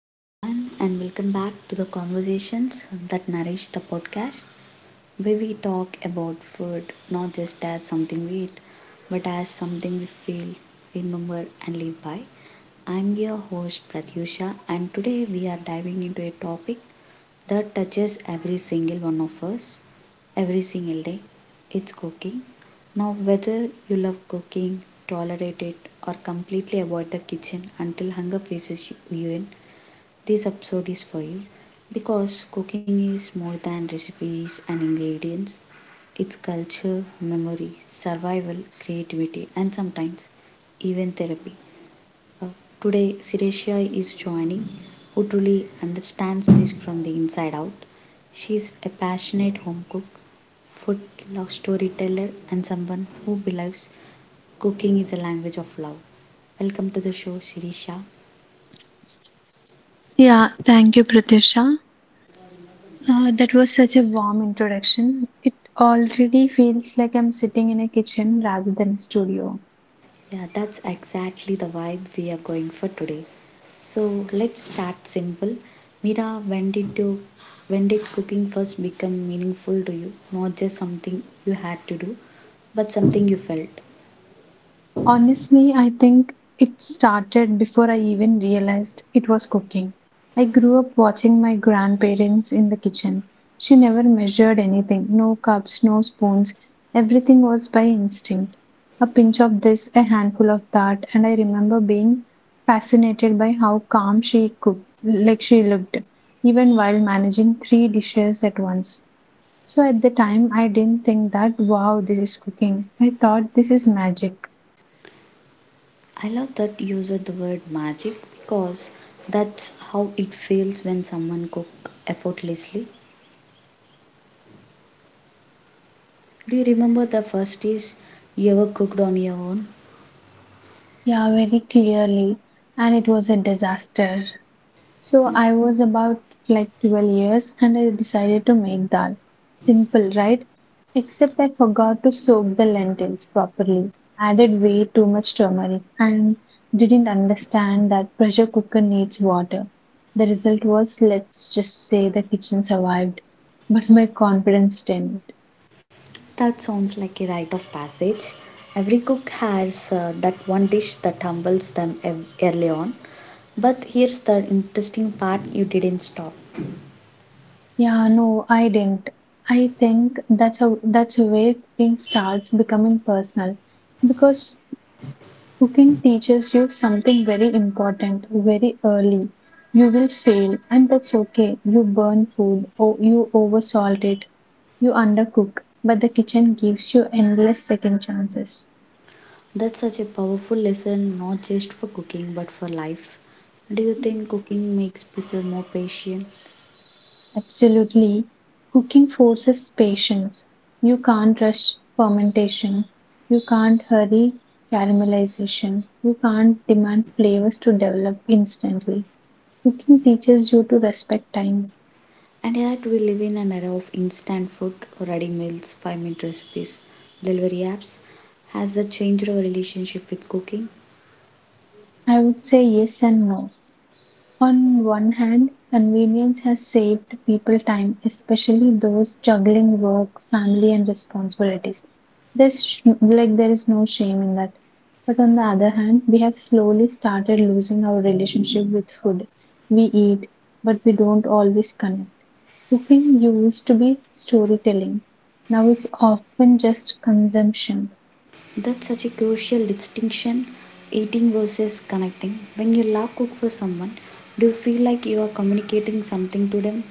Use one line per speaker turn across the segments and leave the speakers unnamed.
Hello, everyone, and welcome back to the Conversations That Nourish the podcast, where we talk about food not just as something we eat, but as something we feel, remember, and live by. I'm your host Pratyusha, and today we are diving into a topic that touches every single one of us every single day. It's cooking. Now, whether you love cooking, tolerate it, or completely avoid the kitchen until hunger faces you in, this episode is for you, because cooking is more than recipes and ingredients. It's culture, memory, survival, creativity, and sometimes even therapy. Uh, today, Siresia is joining, who truly understands this from the inside out. She's a passionate home cook, food love storyteller, and someone who believes cooking is a language of love. Welcome to the show, Sirisha.
Yeah, thank you, Pratisha. That was such a warm introduction. It already feels like I'm sitting in a kitchen rather than a studio.
Yeah, that's exactly the vibe we are going for today. So let's start simple. Mira, when did cooking first become meaningful to you? Not just something you had to do, but something you felt.
Honestly, I think it started before I even realized it was cooking. I grew up watching my grandparents in the kitchen. She never measured anything, no cups, no spoons. Everything was by instinct. A pinch of this, a handful of that, and I remember being fascinated by how calm she cooked, like she looked, even while managing three dishes at once. So at the time, I didn't think that, wow, this is cooking. I thought this is magic.
I love that you used the word magic, because that's how it feels when someone cook effortlessly. Do you remember the first dish you ever cooked on your own?
Yeah, very clearly. And it was a disaster. So I was about like 12 years and I decided to make that. Simple, right? Except I forgot to soak the lentils properly, added way too much turmeric, and didn't understand that pressure cooker needs water. The result was, let's just say, the kitchen survived, but my confidence didn't.
That sounds like a rite of passage. Every cook has that one dish that humbles them early on. But here's the interesting part: you didn't stop.
Yeah, no, I didn't. I think that's where cooking starts becoming personal because cooking teaches you something very important very early. You will fail, and that's okay. You burn food, or you oversalt it, you undercook, but the kitchen gives you endless second chances.
That's such a powerful lesson, not just for cooking but for life. Do you think cooking makes people more patient?
Absolutely. Cooking forces patience. You can't rush fermentation. You can't hurry caramelization. You can't demand flavors to develop instantly. Cooking teaches you to respect time.
And yet, we live in an era of instant food, ready meals, 5-minute recipes, delivery apps. Has that changed our relationship with cooking?
I would say yes and no. On one hand, convenience has saved people time, especially those juggling work, family, and responsibilities. Like there is no shame in that. But on the other hand, we have slowly started losing our relationship with food. We eat, but we don't always connect. Cooking used to be storytelling. Now it's often just consumption.
That's such a crucial distinction: eating versus connecting. When you love cook for someone, do you feel like you are communicating something to them?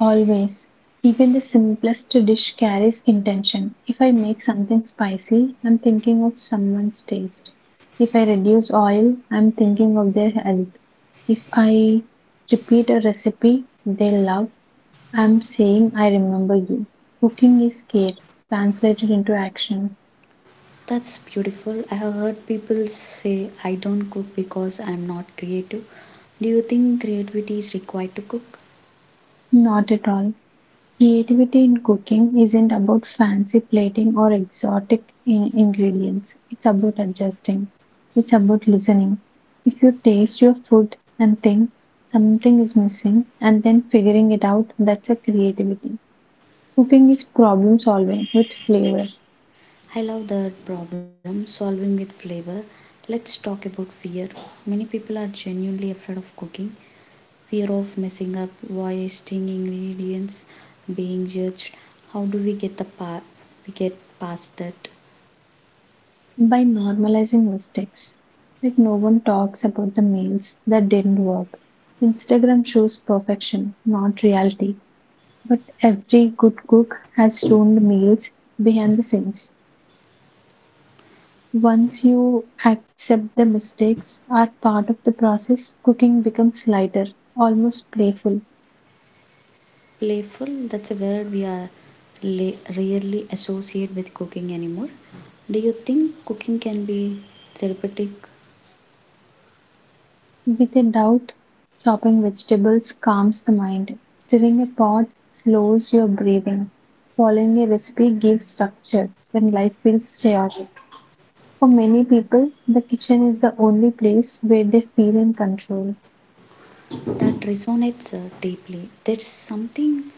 Always. Even the simplest dish carries intention. If I make something spicy, I'm thinking of someone's taste. If I reduce oil, I'm thinking of their health. If I repeat a recipe they love, I'm saying I remember you. Cooking is care translated into action.
That's beautiful. I have heard people say, I don't cook because I'm not creative. Do you think creativity is required to cook?
Not at all. Creativity in cooking isn't about fancy plating or exotic ingredients. It's about adjusting. It's about listening. If you taste your food and think something is missing and then figuring it out, that's a creativity. Cooking is problem solving with flavor
I love that, problem solving with flavor. Let's talk about fear. Many people are genuinely afraid of cooking. Fear of messing up, wasting ingredients, being judged. How do we we get past that?
by normalizing mistakes. Like no one talks about the meals that didn't work. Instagram shows perfection, not reality. But every good cook has stoned meals behind the scenes. Once you accept the mistakes are part of the process, cooking becomes lighter, almost playful.
Playful, that's a word we are rarely associate with cooking anymore. Do you think cooking can be therapeutic?
With a doubt, chopping vegetables calms the mind. Stirring a pot slows your breathing. Following a recipe gives structure when life feels chaotic. For many people, the kitchen is the only place where they feel in control.
That resonates deeply. There's something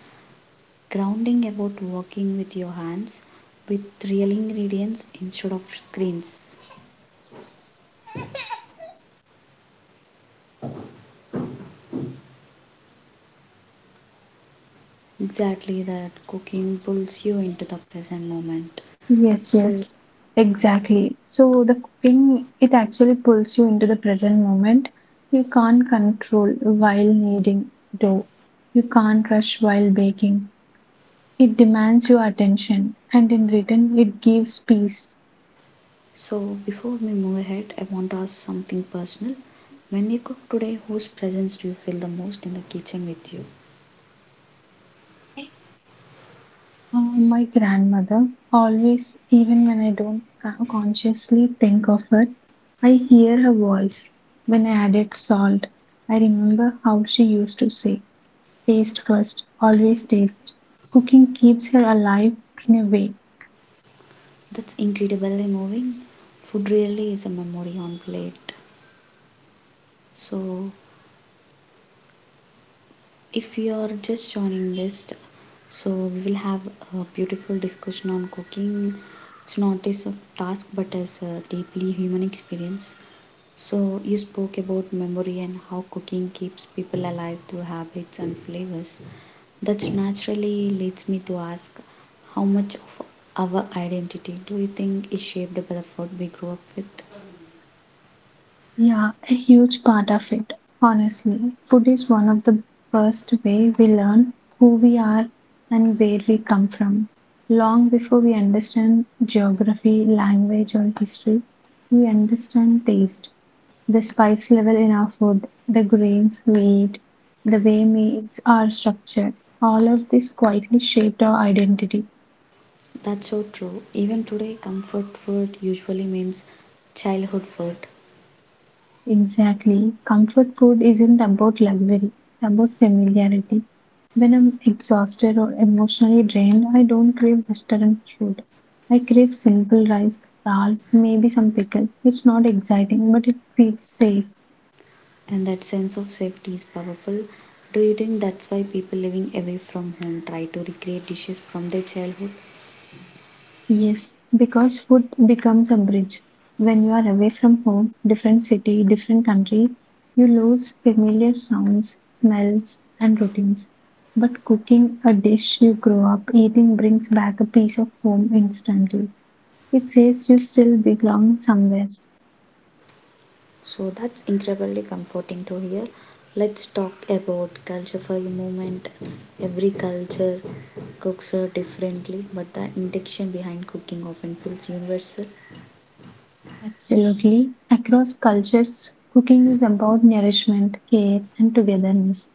grounding about working with your hands, with real ingredients instead of screens. Exactly that, cooking pulls you into the present moment.
Yes,
So
yes, exactly. So the cooking, it actually pulls you into the present moment. You can't control while kneading dough. You can't rush while baking. It demands your attention, and in return, it gives peace.
so before we move ahead, I want to ask something personal. When you cook today, whose presence do you feel the most in the kitchen with you?
My grandmother always, even when I don't consciously think of her, I hear her voice when I added salt. I remember how she used to say, taste first, always taste. Cooking keeps her alive in a way.
That's incredibly moving. Food really is a memory on plate. So if you are just joining this, so we will have a beautiful discussion on cooking. It's not a sort task but as a deeply human experience. So you spoke about memory and how cooking keeps people alive through habits and flavors. That naturally leads me to ask, how much of our identity do you think is shaped by the food we grew up with?
Yeah, a huge part of it. Honestly, food is one of the first way we learn who we are and where we come from. Long before we understand geography, language, or history, we understand taste, the spice level in our food, the grains we eat, the way meats are structured. All of this quietly shaped our identity.
That's so true. Even today, comfort food usually means childhood food.
Exactly. Comfort food isn't about luxury, it's about familiarity. When I'm exhausted or emotionally drained, I don't crave restaurant food. I crave simple rice, dal, maybe some pickle. It's not exciting, but it feels safe.
And that sense of safety is powerful. Do you think that's why people living away from home try to recreate dishes from their childhood?
Yes, because food becomes a bridge. When you are away from home, different city, different country, you lose familiar sounds, smells, and routines. But cooking a dish you grow up eating brings back a piece of home instantly. It says you still belong somewhere.
So that's incredibly comforting to hear. Let's talk about culture for a moment. Every culture cooks differently, but the intention behind cooking often feels universal.
Absolutely. Across cultures, cooking is about nourishment, care, and togetherness.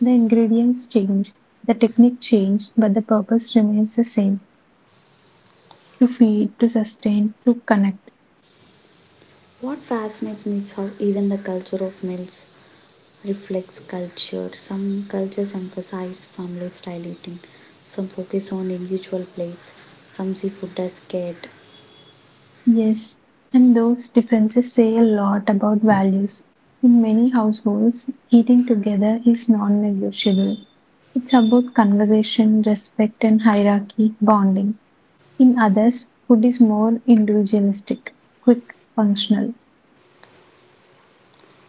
The ingredients change, the technique change, but the purpose remains the same. To feed, to sustain, to connect.
What fascinates me is how even the culture of meals reflects culture. Some cultures emphasize family style eating, some focus on individual plates, some see food as scared.
Yes, and those differences say a lot about values. In many households, eating together is non negotiable. It's about conversation, respect, and hierarchy, bonding. In others, food is more individualistic, quick, functional,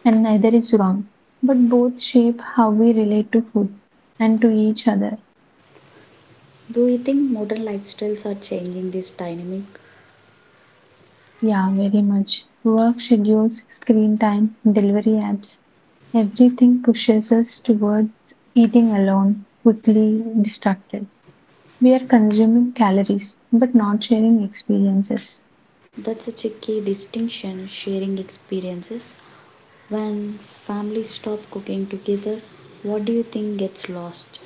and neither is wrong. But both shape how we relate to food and to each other.
Do you think modern lifestyles are changing this dynamic?
Yeah, very much. Work schedules, screen time, delivery apps, everything pushes us towards eating alone, quickly distracted. We are consuming calories but not sharing experiences.
That's such a key distinction, sharing experiences. When families stop cooking together, what do you think gets lost?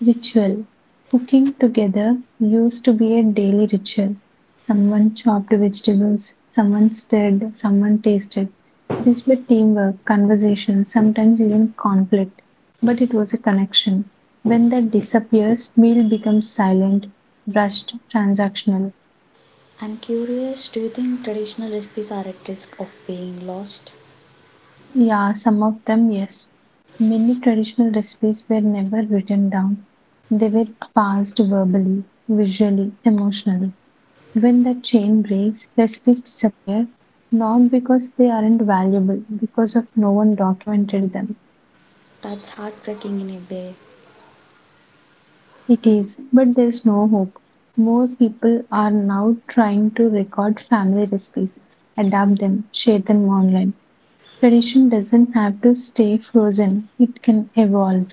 Ritual. Cooking together used to be a daily ritual. Someone chopped vegetables, someone stirred, someone tasted. This were teamwork, conversation, sometimes even conflict, but it was a connection. When that disappears, meal becomes silent, rushed, transactional.
I'm curious, do you think traditional recipes are at risk of being lost?
Yeah, some of them, yes. Many traditional recipes were never written down. They were passed verbally, visually, emotionally. When that chain breaks, recipes disappear not because they aren't valuable, because of no one documented them.
That's heartbreaking in a way.
It is, but there's no hope. More people are now trying to record family recipes, adapt them, share them online. Tradition doesn't have to stay frozen, it can evolve.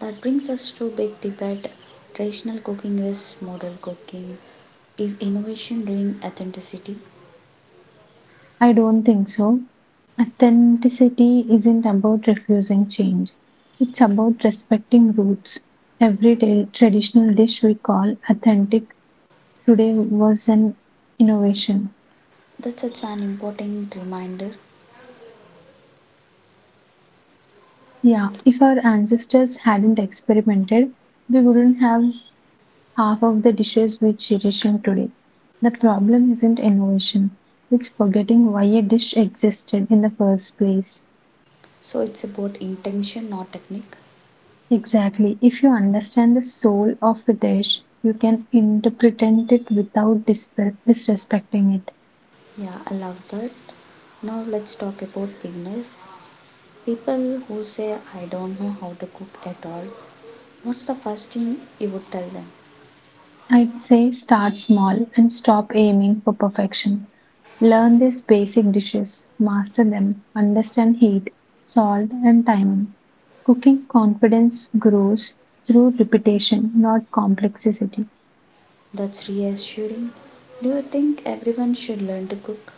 That brings us to big debate: traditional cooking versus modern cooking. Is innovation doing authenticity?
I don't think so. Authenticity isn't about refusing change. It's about respecting roots. Every day, traditional dish we call authentic today was an innovation.
That's such an important reminder.
Yeah, if our ancestors hadn't experimented, we wouldn't have half of the dishes we cherish in today. The problem isn't innovation, it's forgetting why a dish existed in the first place.
So it's about intention, not technique.
Exactly. If you understand the soul of a dish, you can interpret it without disrespecting it.
Yeah, I love that. Now let's talk about beginners. People who say, I don't know how to cook at all. What's the first thing you would tell them?
I'd say start small and stop aiming for perfection. Learn these basic dishes, master them, understand heat, salt, and timing. Cooking confidence grows through repetition, not complexity.
That's reassuring. Do you think everyone should learn to cook?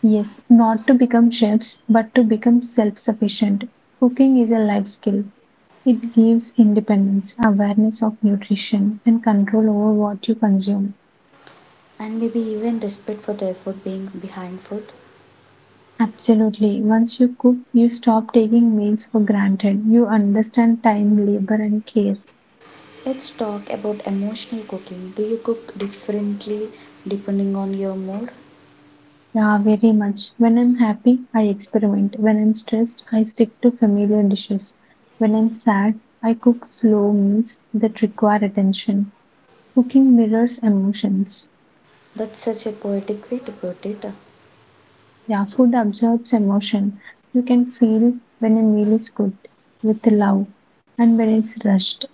Yes, not to become chefs, but to become self sufficient. Cooking is a life skill. It gives independence, awareness of nutrition, and control over what you consume.
And maybe even respect for the effort being behind food?
Absolutely. Once you cook, you stop taking meals for granted. You understand time, labor, and care.
Let's talk about emotional cooking. Do you cook differently depending on your mood?
Yeah, very much. When I'm happy, I experiment. When I'm stressed, I stick to familiar dishes. When I'm sad, I cook slow meals that require attention. Cooking mirrors emotions.
That's such a poetic way to put it.
Yeah, food absorbs emotion. You can feel when a meal is cooked with love and when it's rushed.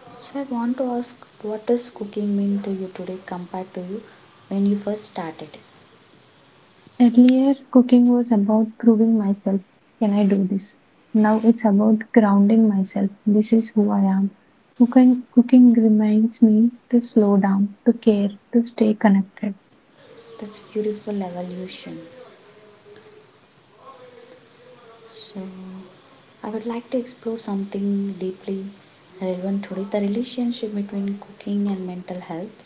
So, I want to ask, what does cooking mean to you today compared to you when you first started?
Earlier, cooking was about proving myself. Can I do this? Now it's about grounding myself. This is who I am. Cooking reminds me to slow down, to care, to stay connected.
That's beautiful evolution. So, I would like to explore something deeply relevant today, the relationship between cooking and mental health.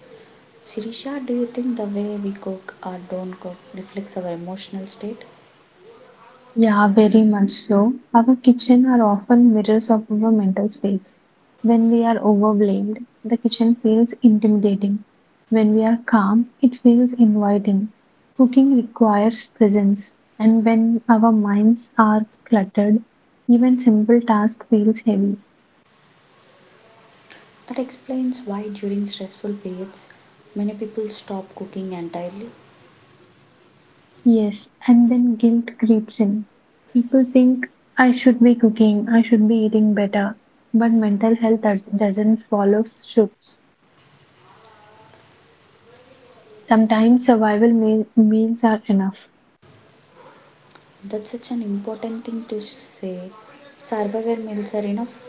Sirisha, do you think the way we cook or don't cook reflects our emotional state?
Yeah, very much so. Our kitchen are often mirrors of our mental space. When we are overwhelmed, the kitchen feels intimidating. When we are calm, it feels inviting. Cooking requires presence, and when our minds are cluttered, even simple task feels heavy.
That explains why during stressful periods many people stop cooking entirely.
Yes, and then guilt creeps in. People think I should be cooking, I should be eating better, but mental health doesn't follow suits. Sometimes meals are enough.
That's such an important thing to say. Survivor meals are enough.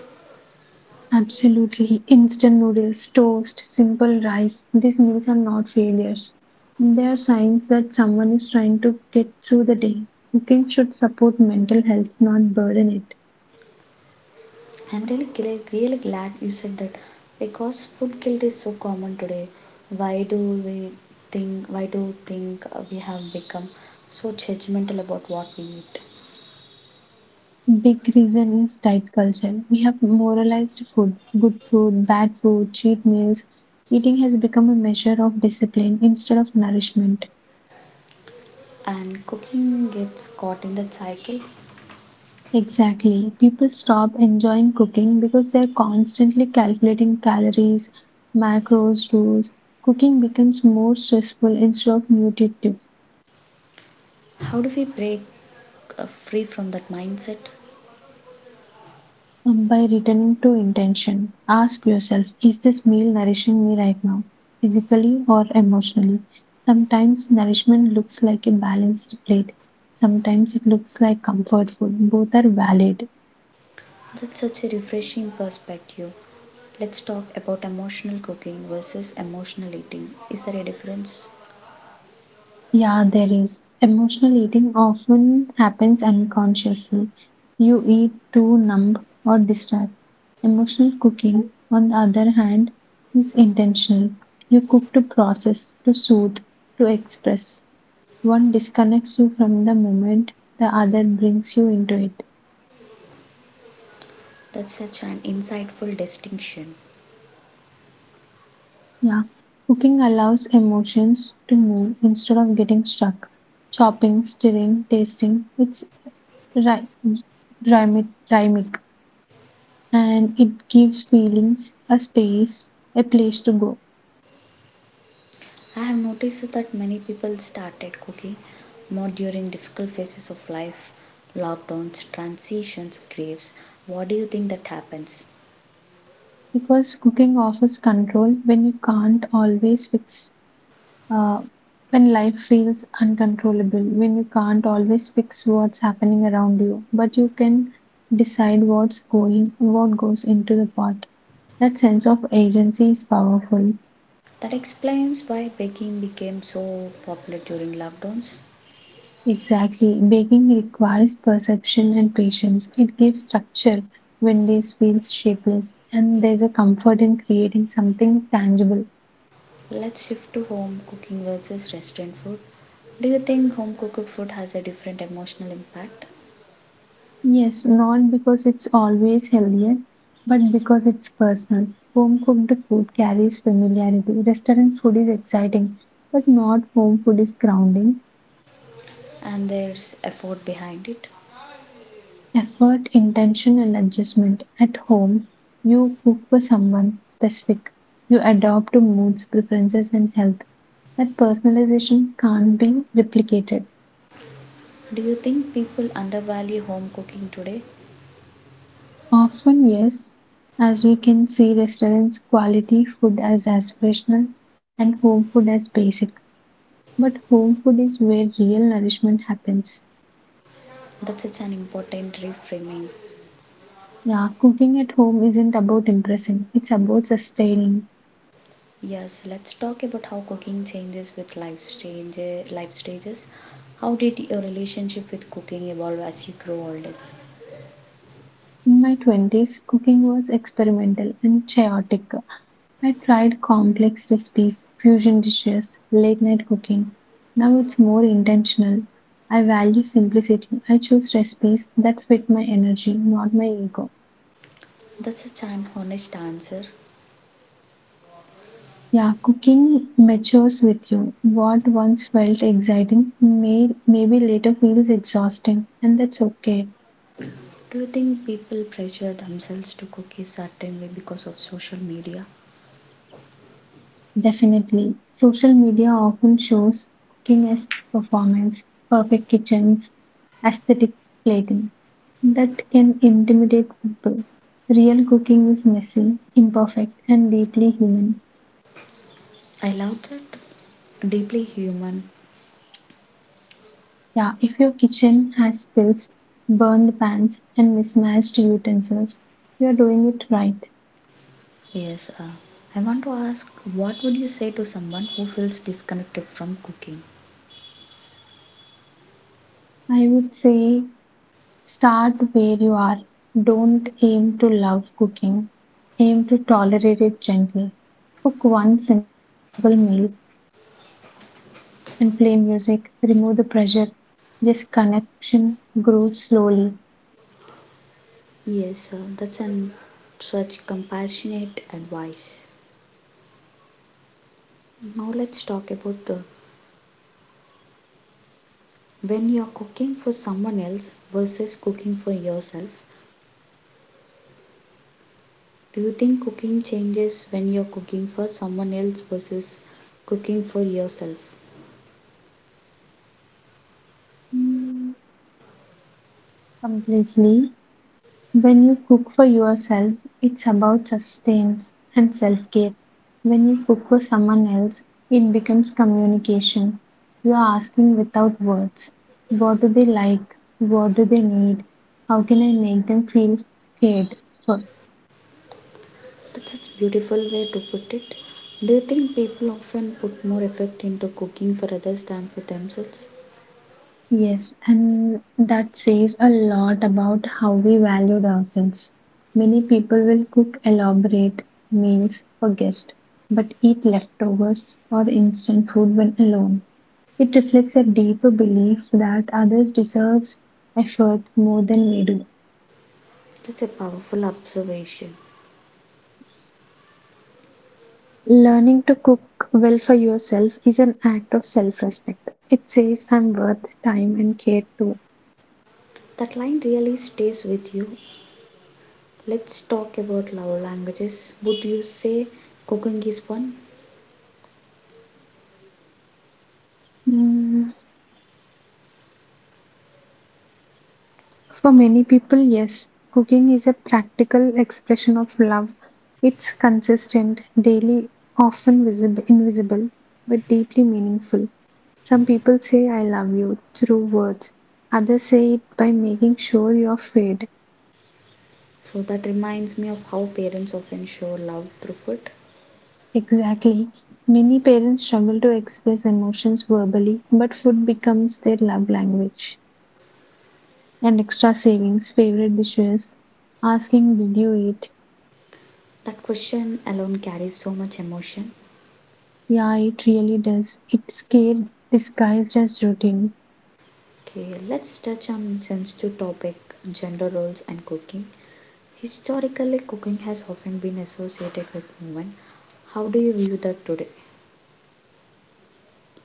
Absolutely. Instant noodles, toast, simple rice. These meals are not failures. They are signs that someone is trying to get through the day. Cooking should support mental health, not burden it.
I'm really glad you said that, because food guilt is so common today. Why do we think? Why do you think we have become so judgmental about what we eat?
Big reason is diet culture. We have moralized food, good food, bad food, cheat meals. Eating has become a measure of discipline instead of nourishment.
And cooking gets caught in that cycle.
Exactly. People stop enjoying cooking because they're constantly calculating calories, macros, rules. Cooking becomes more stressful instead of nutritive.
How do we break free from that mindset?
By returning to intention, ask yourself, is this meal nourishing me right now, physically or emotionally? Sometimes nourishment looks like a balanced plate, sometimes it looks like comfort food. Both are valid.
That's such a refreshing perspective. Let's talk about emotional cooking versus emotional eating. Is there a difference?
Yeah, there is. Emotional eating often happens unconsciously. You eat to numb or distract. Emotional cooking, on the other hand, is intentional. You cook to process, to soothe, to express. One disconnects you from the moment, the other brings you into it.
That's such an insightful distinction.
Yeah, cooking allows emotions to move instead of getting stuck. Chopping, stirring, tasting, it's ry- rhythmic. And it gives feelings a space, a place to go.
I have noticed that many people started cooking more during difficult phases of life, lockdowns, transitions, graves. What do you think that happens?
Because cooking offers control when you can't always fix, uh, when life feels uncontrollable, when you can't always fix what's happening around you, but you can decide what goes into the pot. That sense of agency is powerful.
That explains why baking became so popular during lockdowns.
Exactly. Baking requires perception and patience. It gives structure when days feels shapeless, and there's a comfort in creating something tangible.
Let's shift to home cooking versus restaurant food. Do you think home cooked food has a different emotional impact,
Yes, not because it's always healthier, but because it's personal. Home cooked food carries familiarity. Restaurant food is exciting, but not home food is grounding.
and there's effort behind it?
Effort, intention, and adjustment. At home, you cook for someone specific. You adapt to moods, preferences, and health that personalization can't be replicated.
Do you think people undervalue home cooking today?
Often, yes, as we can see restaurants quality food as aspirational and home food as basic. But home food is where real nourishment happens.
That's such an important reframing.
Yeah, cooking at home isn't about impressing, it's about sustaining.
Yes, let's talk about how cooking changes with life stages. How did your relationship with cooking evolve as you grow older?
In my 20s, cooking was experimental and chaotic. I tried complex recipes, fusion dishes, late night cooking. Now it's more intentional. I value simplicity. I choose recipes that fit my energy, not my ego.
That's such an honest answer.
Yeah, cooking matures with you. What once felt exciting maybe later feels exhausting, and that's okay.
Do you think people pressure themselves to cook a certain way because of social media?
Definitely. Social media often shows cooking as performance, perfect kitchens, aesthetic plating. That can intimidate people. Real cooking is messy, imperfect, and deeply human.
I love that. Deeply human.
Yeah, if your kitchen has spills, burned pans, and mismatched utensils, you are doing it right.
Yes. I want to ask, what would you say to someone who feels disconnected from cooking?
I would say, start where you are. Don't aim to love cooking. Aim to tolerate it gently. Cook one simple meal and play music. Remove the pressure. Just connection grows slowly,
Yes, that's an such compassionate advice. Now let's talk about when you're cooking for someone else versus cooking for yourself. Do you think cooking changes when you're cooking for someone else versus cooking for yourself?
completely. When you cook for yourself, it's about sustenance and self care. When you cook for someone else, it becomes communication. You are asking without words, what do they like? What do they need? How can I make them feel cared for?
That's such a beautiful way to put it. Do you think people often put more effort into cooking for others than for themselves?
Yes, and that says a lot about how we valued ourselves. Many people will cook elaborate meals for guests, but eat leftovers or instant food when alone. It reflects a deeper belief that others deserves effort more than we do.
That's a powerful observation.
Learning to cook well for yourself is an act of self-respect. It says I'm worth time and care too.
That line really stays with you. Let's talk about love languages. Would you say cooking is one?
Mm, for many people, yes, cooking is a practical expression of love. It's consistent, daily, often visible, invisible, but deeply meaningful. Some people say I love you through words. Others say it by making sure you're fed.
So that reminds me of how parents often show love through food.
Exactly. Many parents struggle to express emotions verbally, but food becomes their love language. And extra savings, favorite dishes, asking, did you eat?
That question alone carries so much emotion.
Yeah, it really does. It's care disguised as routine.
Okay, let's touch on sensitive topic: gender roles and cooking. Historically, cooking has often been associated with women. How do you view that today?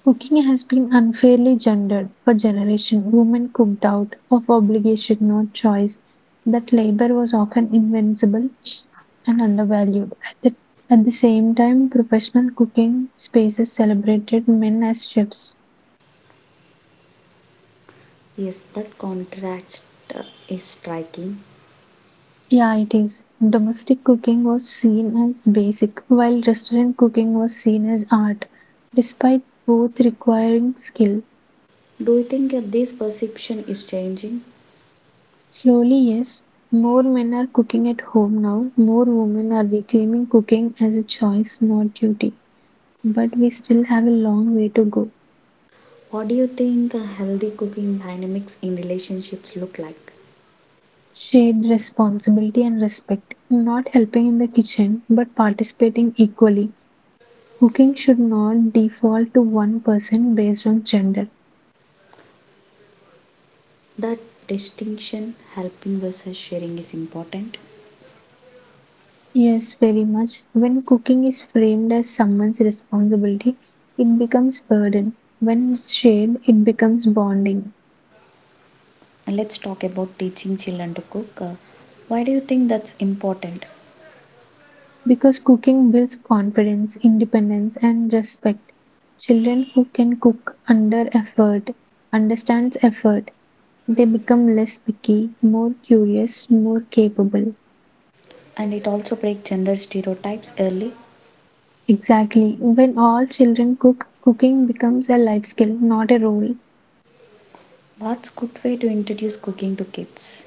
Cooking has been unfairly gendered for generations. Women cooked out of obligation, not choice. That labor was often invincible and undervalued. At the same time, professional cooking spaces celebrated men as chefs.
Yes, that contrast uh, is striking.
Yeah, it is. Domestic cooking was seen as basic, while restaurant cooking was seen as art, despite both requiring skill.
Do you think this perception is changing?
Slowly, yes. More men are cooking at home now. More women are reclaiming cooking as a choice, not duty. But we still have a long way to go.
What do you think healthy cooking dynamics in relationships look like?
Shared responsibility and respect. Not helping in the kitchen, but participating equally. Cooking should not default to one person based on gender.
That distinction, helping versus sharing, is important.
Yes, very much. When cooking is framed as someone's responsibility, it becomes burden. When it's shared, it becomes bonding.
And let's talk about teaching children to cook. Why do you think that's important?
Because cooking builds confidence, independence, and respect. Children who can cook under effort, understands effort, they become less picky, more curious, more capable.
And it also breaks gender stereotypes early.
Exactly. When all children cook, cooking becomes a life skill, not a role.
What's good way to introduce cooking to kids?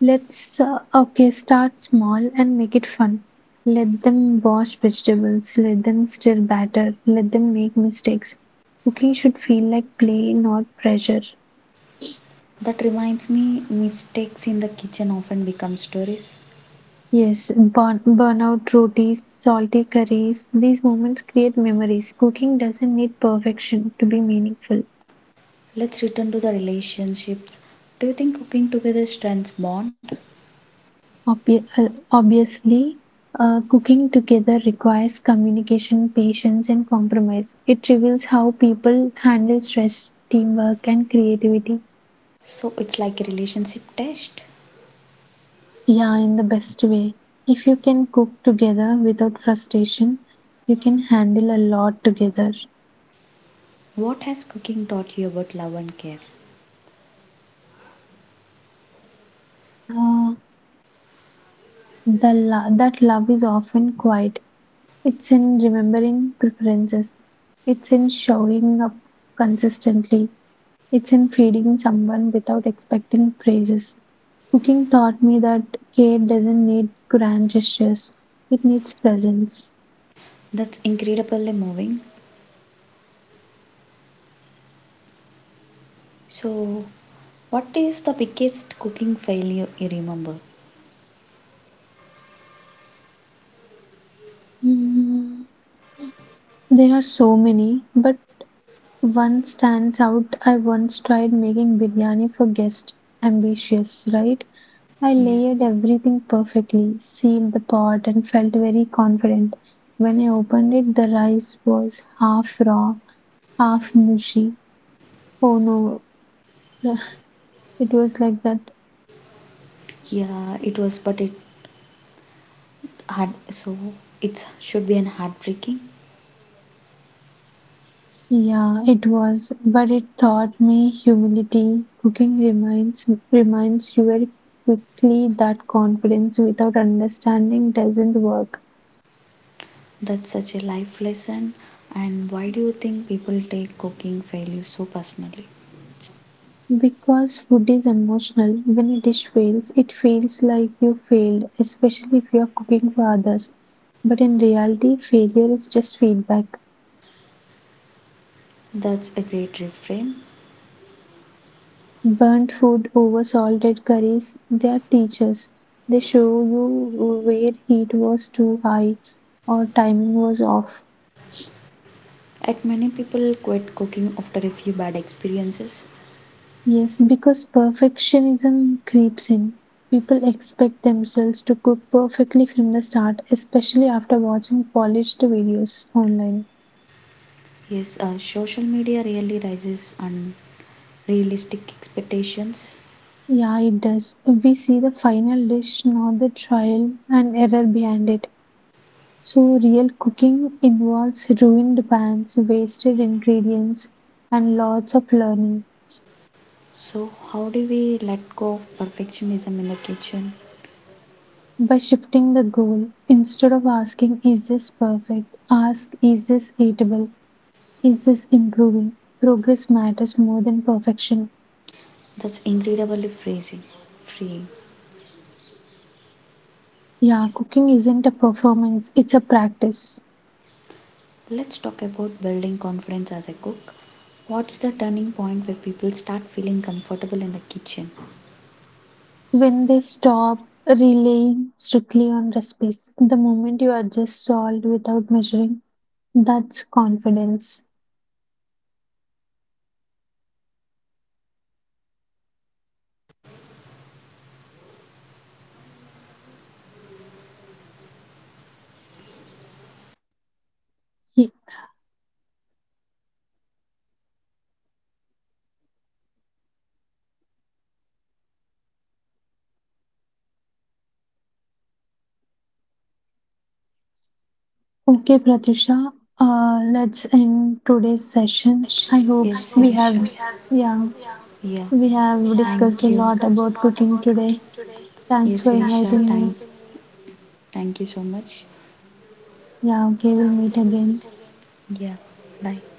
Start small and make it fun. Let them wash vegetables, let them stir batter, let them make mistakes. Cooking should feel like play, not pressure.
That reminds me, mistakes in the kitchen often become stories.
Yes, burn, burnout rotis, salty curries, these moments create memories. Cooking doesn't need perfection to be meaningful.
Let's return to the relationships. Do you think cooking together strengthens bond?
Obviously, cooking together requires communication, patience, and compromise. It reveals how people handle stress, teamwork, and creativity.
So it's like a relationship test.
Yeah, in the best way. If you can cook together without frustration, you can handle a lot together.
What has cooking taught you about love and care?
Uh, that love is often quiet. It's in remembering preferences. It's in showing up consistently. It's in feeding someone without expecting praises. Cooking taught me that care doesn't need grand gestures, it needs presence.
That's incredibly moving. So, what is the biggest cooking failure you remember?
Mm, there are so many, but one stands out. I once tried making biryani for guests. Ambitious, right? I
Yes.
layered everything perfectly, sealed the pot, and felt very confident. When I opened it, the rice was half raw, half mushy. Oh no. It was like that.
Yeah, it was, but it heart so it should be an heartbreaking.
Yeah, it was, but it taught me humility. Cooking reminds you very quickly that confidence without understanding doesn't work.
That's such a life lesson. And why do you think people take cooking failure so personally?
Because food is emotional, when a dish fails, it feels like you failed, especially if you are cooking for others. But in reality, failure is just feedback.
That's a great refrain.
Burnt food over salted curries, they are teachers. They show you where heat was too high or timing was off.
At many people quit cooking after a few bad experiences.
Yes, because perfectionism creeps in. People expect themselves to cook perfectly from the start, especially after watching polished videos online.
Yes, social media really raises unrealistic expectations.
Yeah, it does. We see the final dish, not the trial and error behind it. So, real cooking involves ruined pans, wasted ingredients, and lots of learning.
So how do we let go of perfectionism in the kitchen?
By shifting the goal, instead of asking, is this perfect? Ask, is this eatable? Is this improving? Progress matters more than perfection.
That's incredibly freezing freeing
Yeah, cooking isn't a performance, it's a practice.
Let's talk about building confidence as a cook. What's the turning point where people start feeling comfortable in the kitchen?
When they stop relying strictly on recipes, the moment you adjust salt without measuring, that's confidence. Ye- Okay, Pratusha, let's end today's session.
Sure.
I hope
Yes, I Yes, hope
we
Sirisha. We
have,
have,
yeah,
yeah, Yeah,
we
we have
have
thank
discussed
you.
a lot
Discussed a lot
about cooking
about cooking
today.
today. Yes, Thanks
Thanks
for
for
Sirisha, thank,
inviting
inviting
me.
me. Thank you so much.
Yeah,
Yeah,
okay, we'll
okay,
meet
we'll meet
again.
again. Yeah, bye.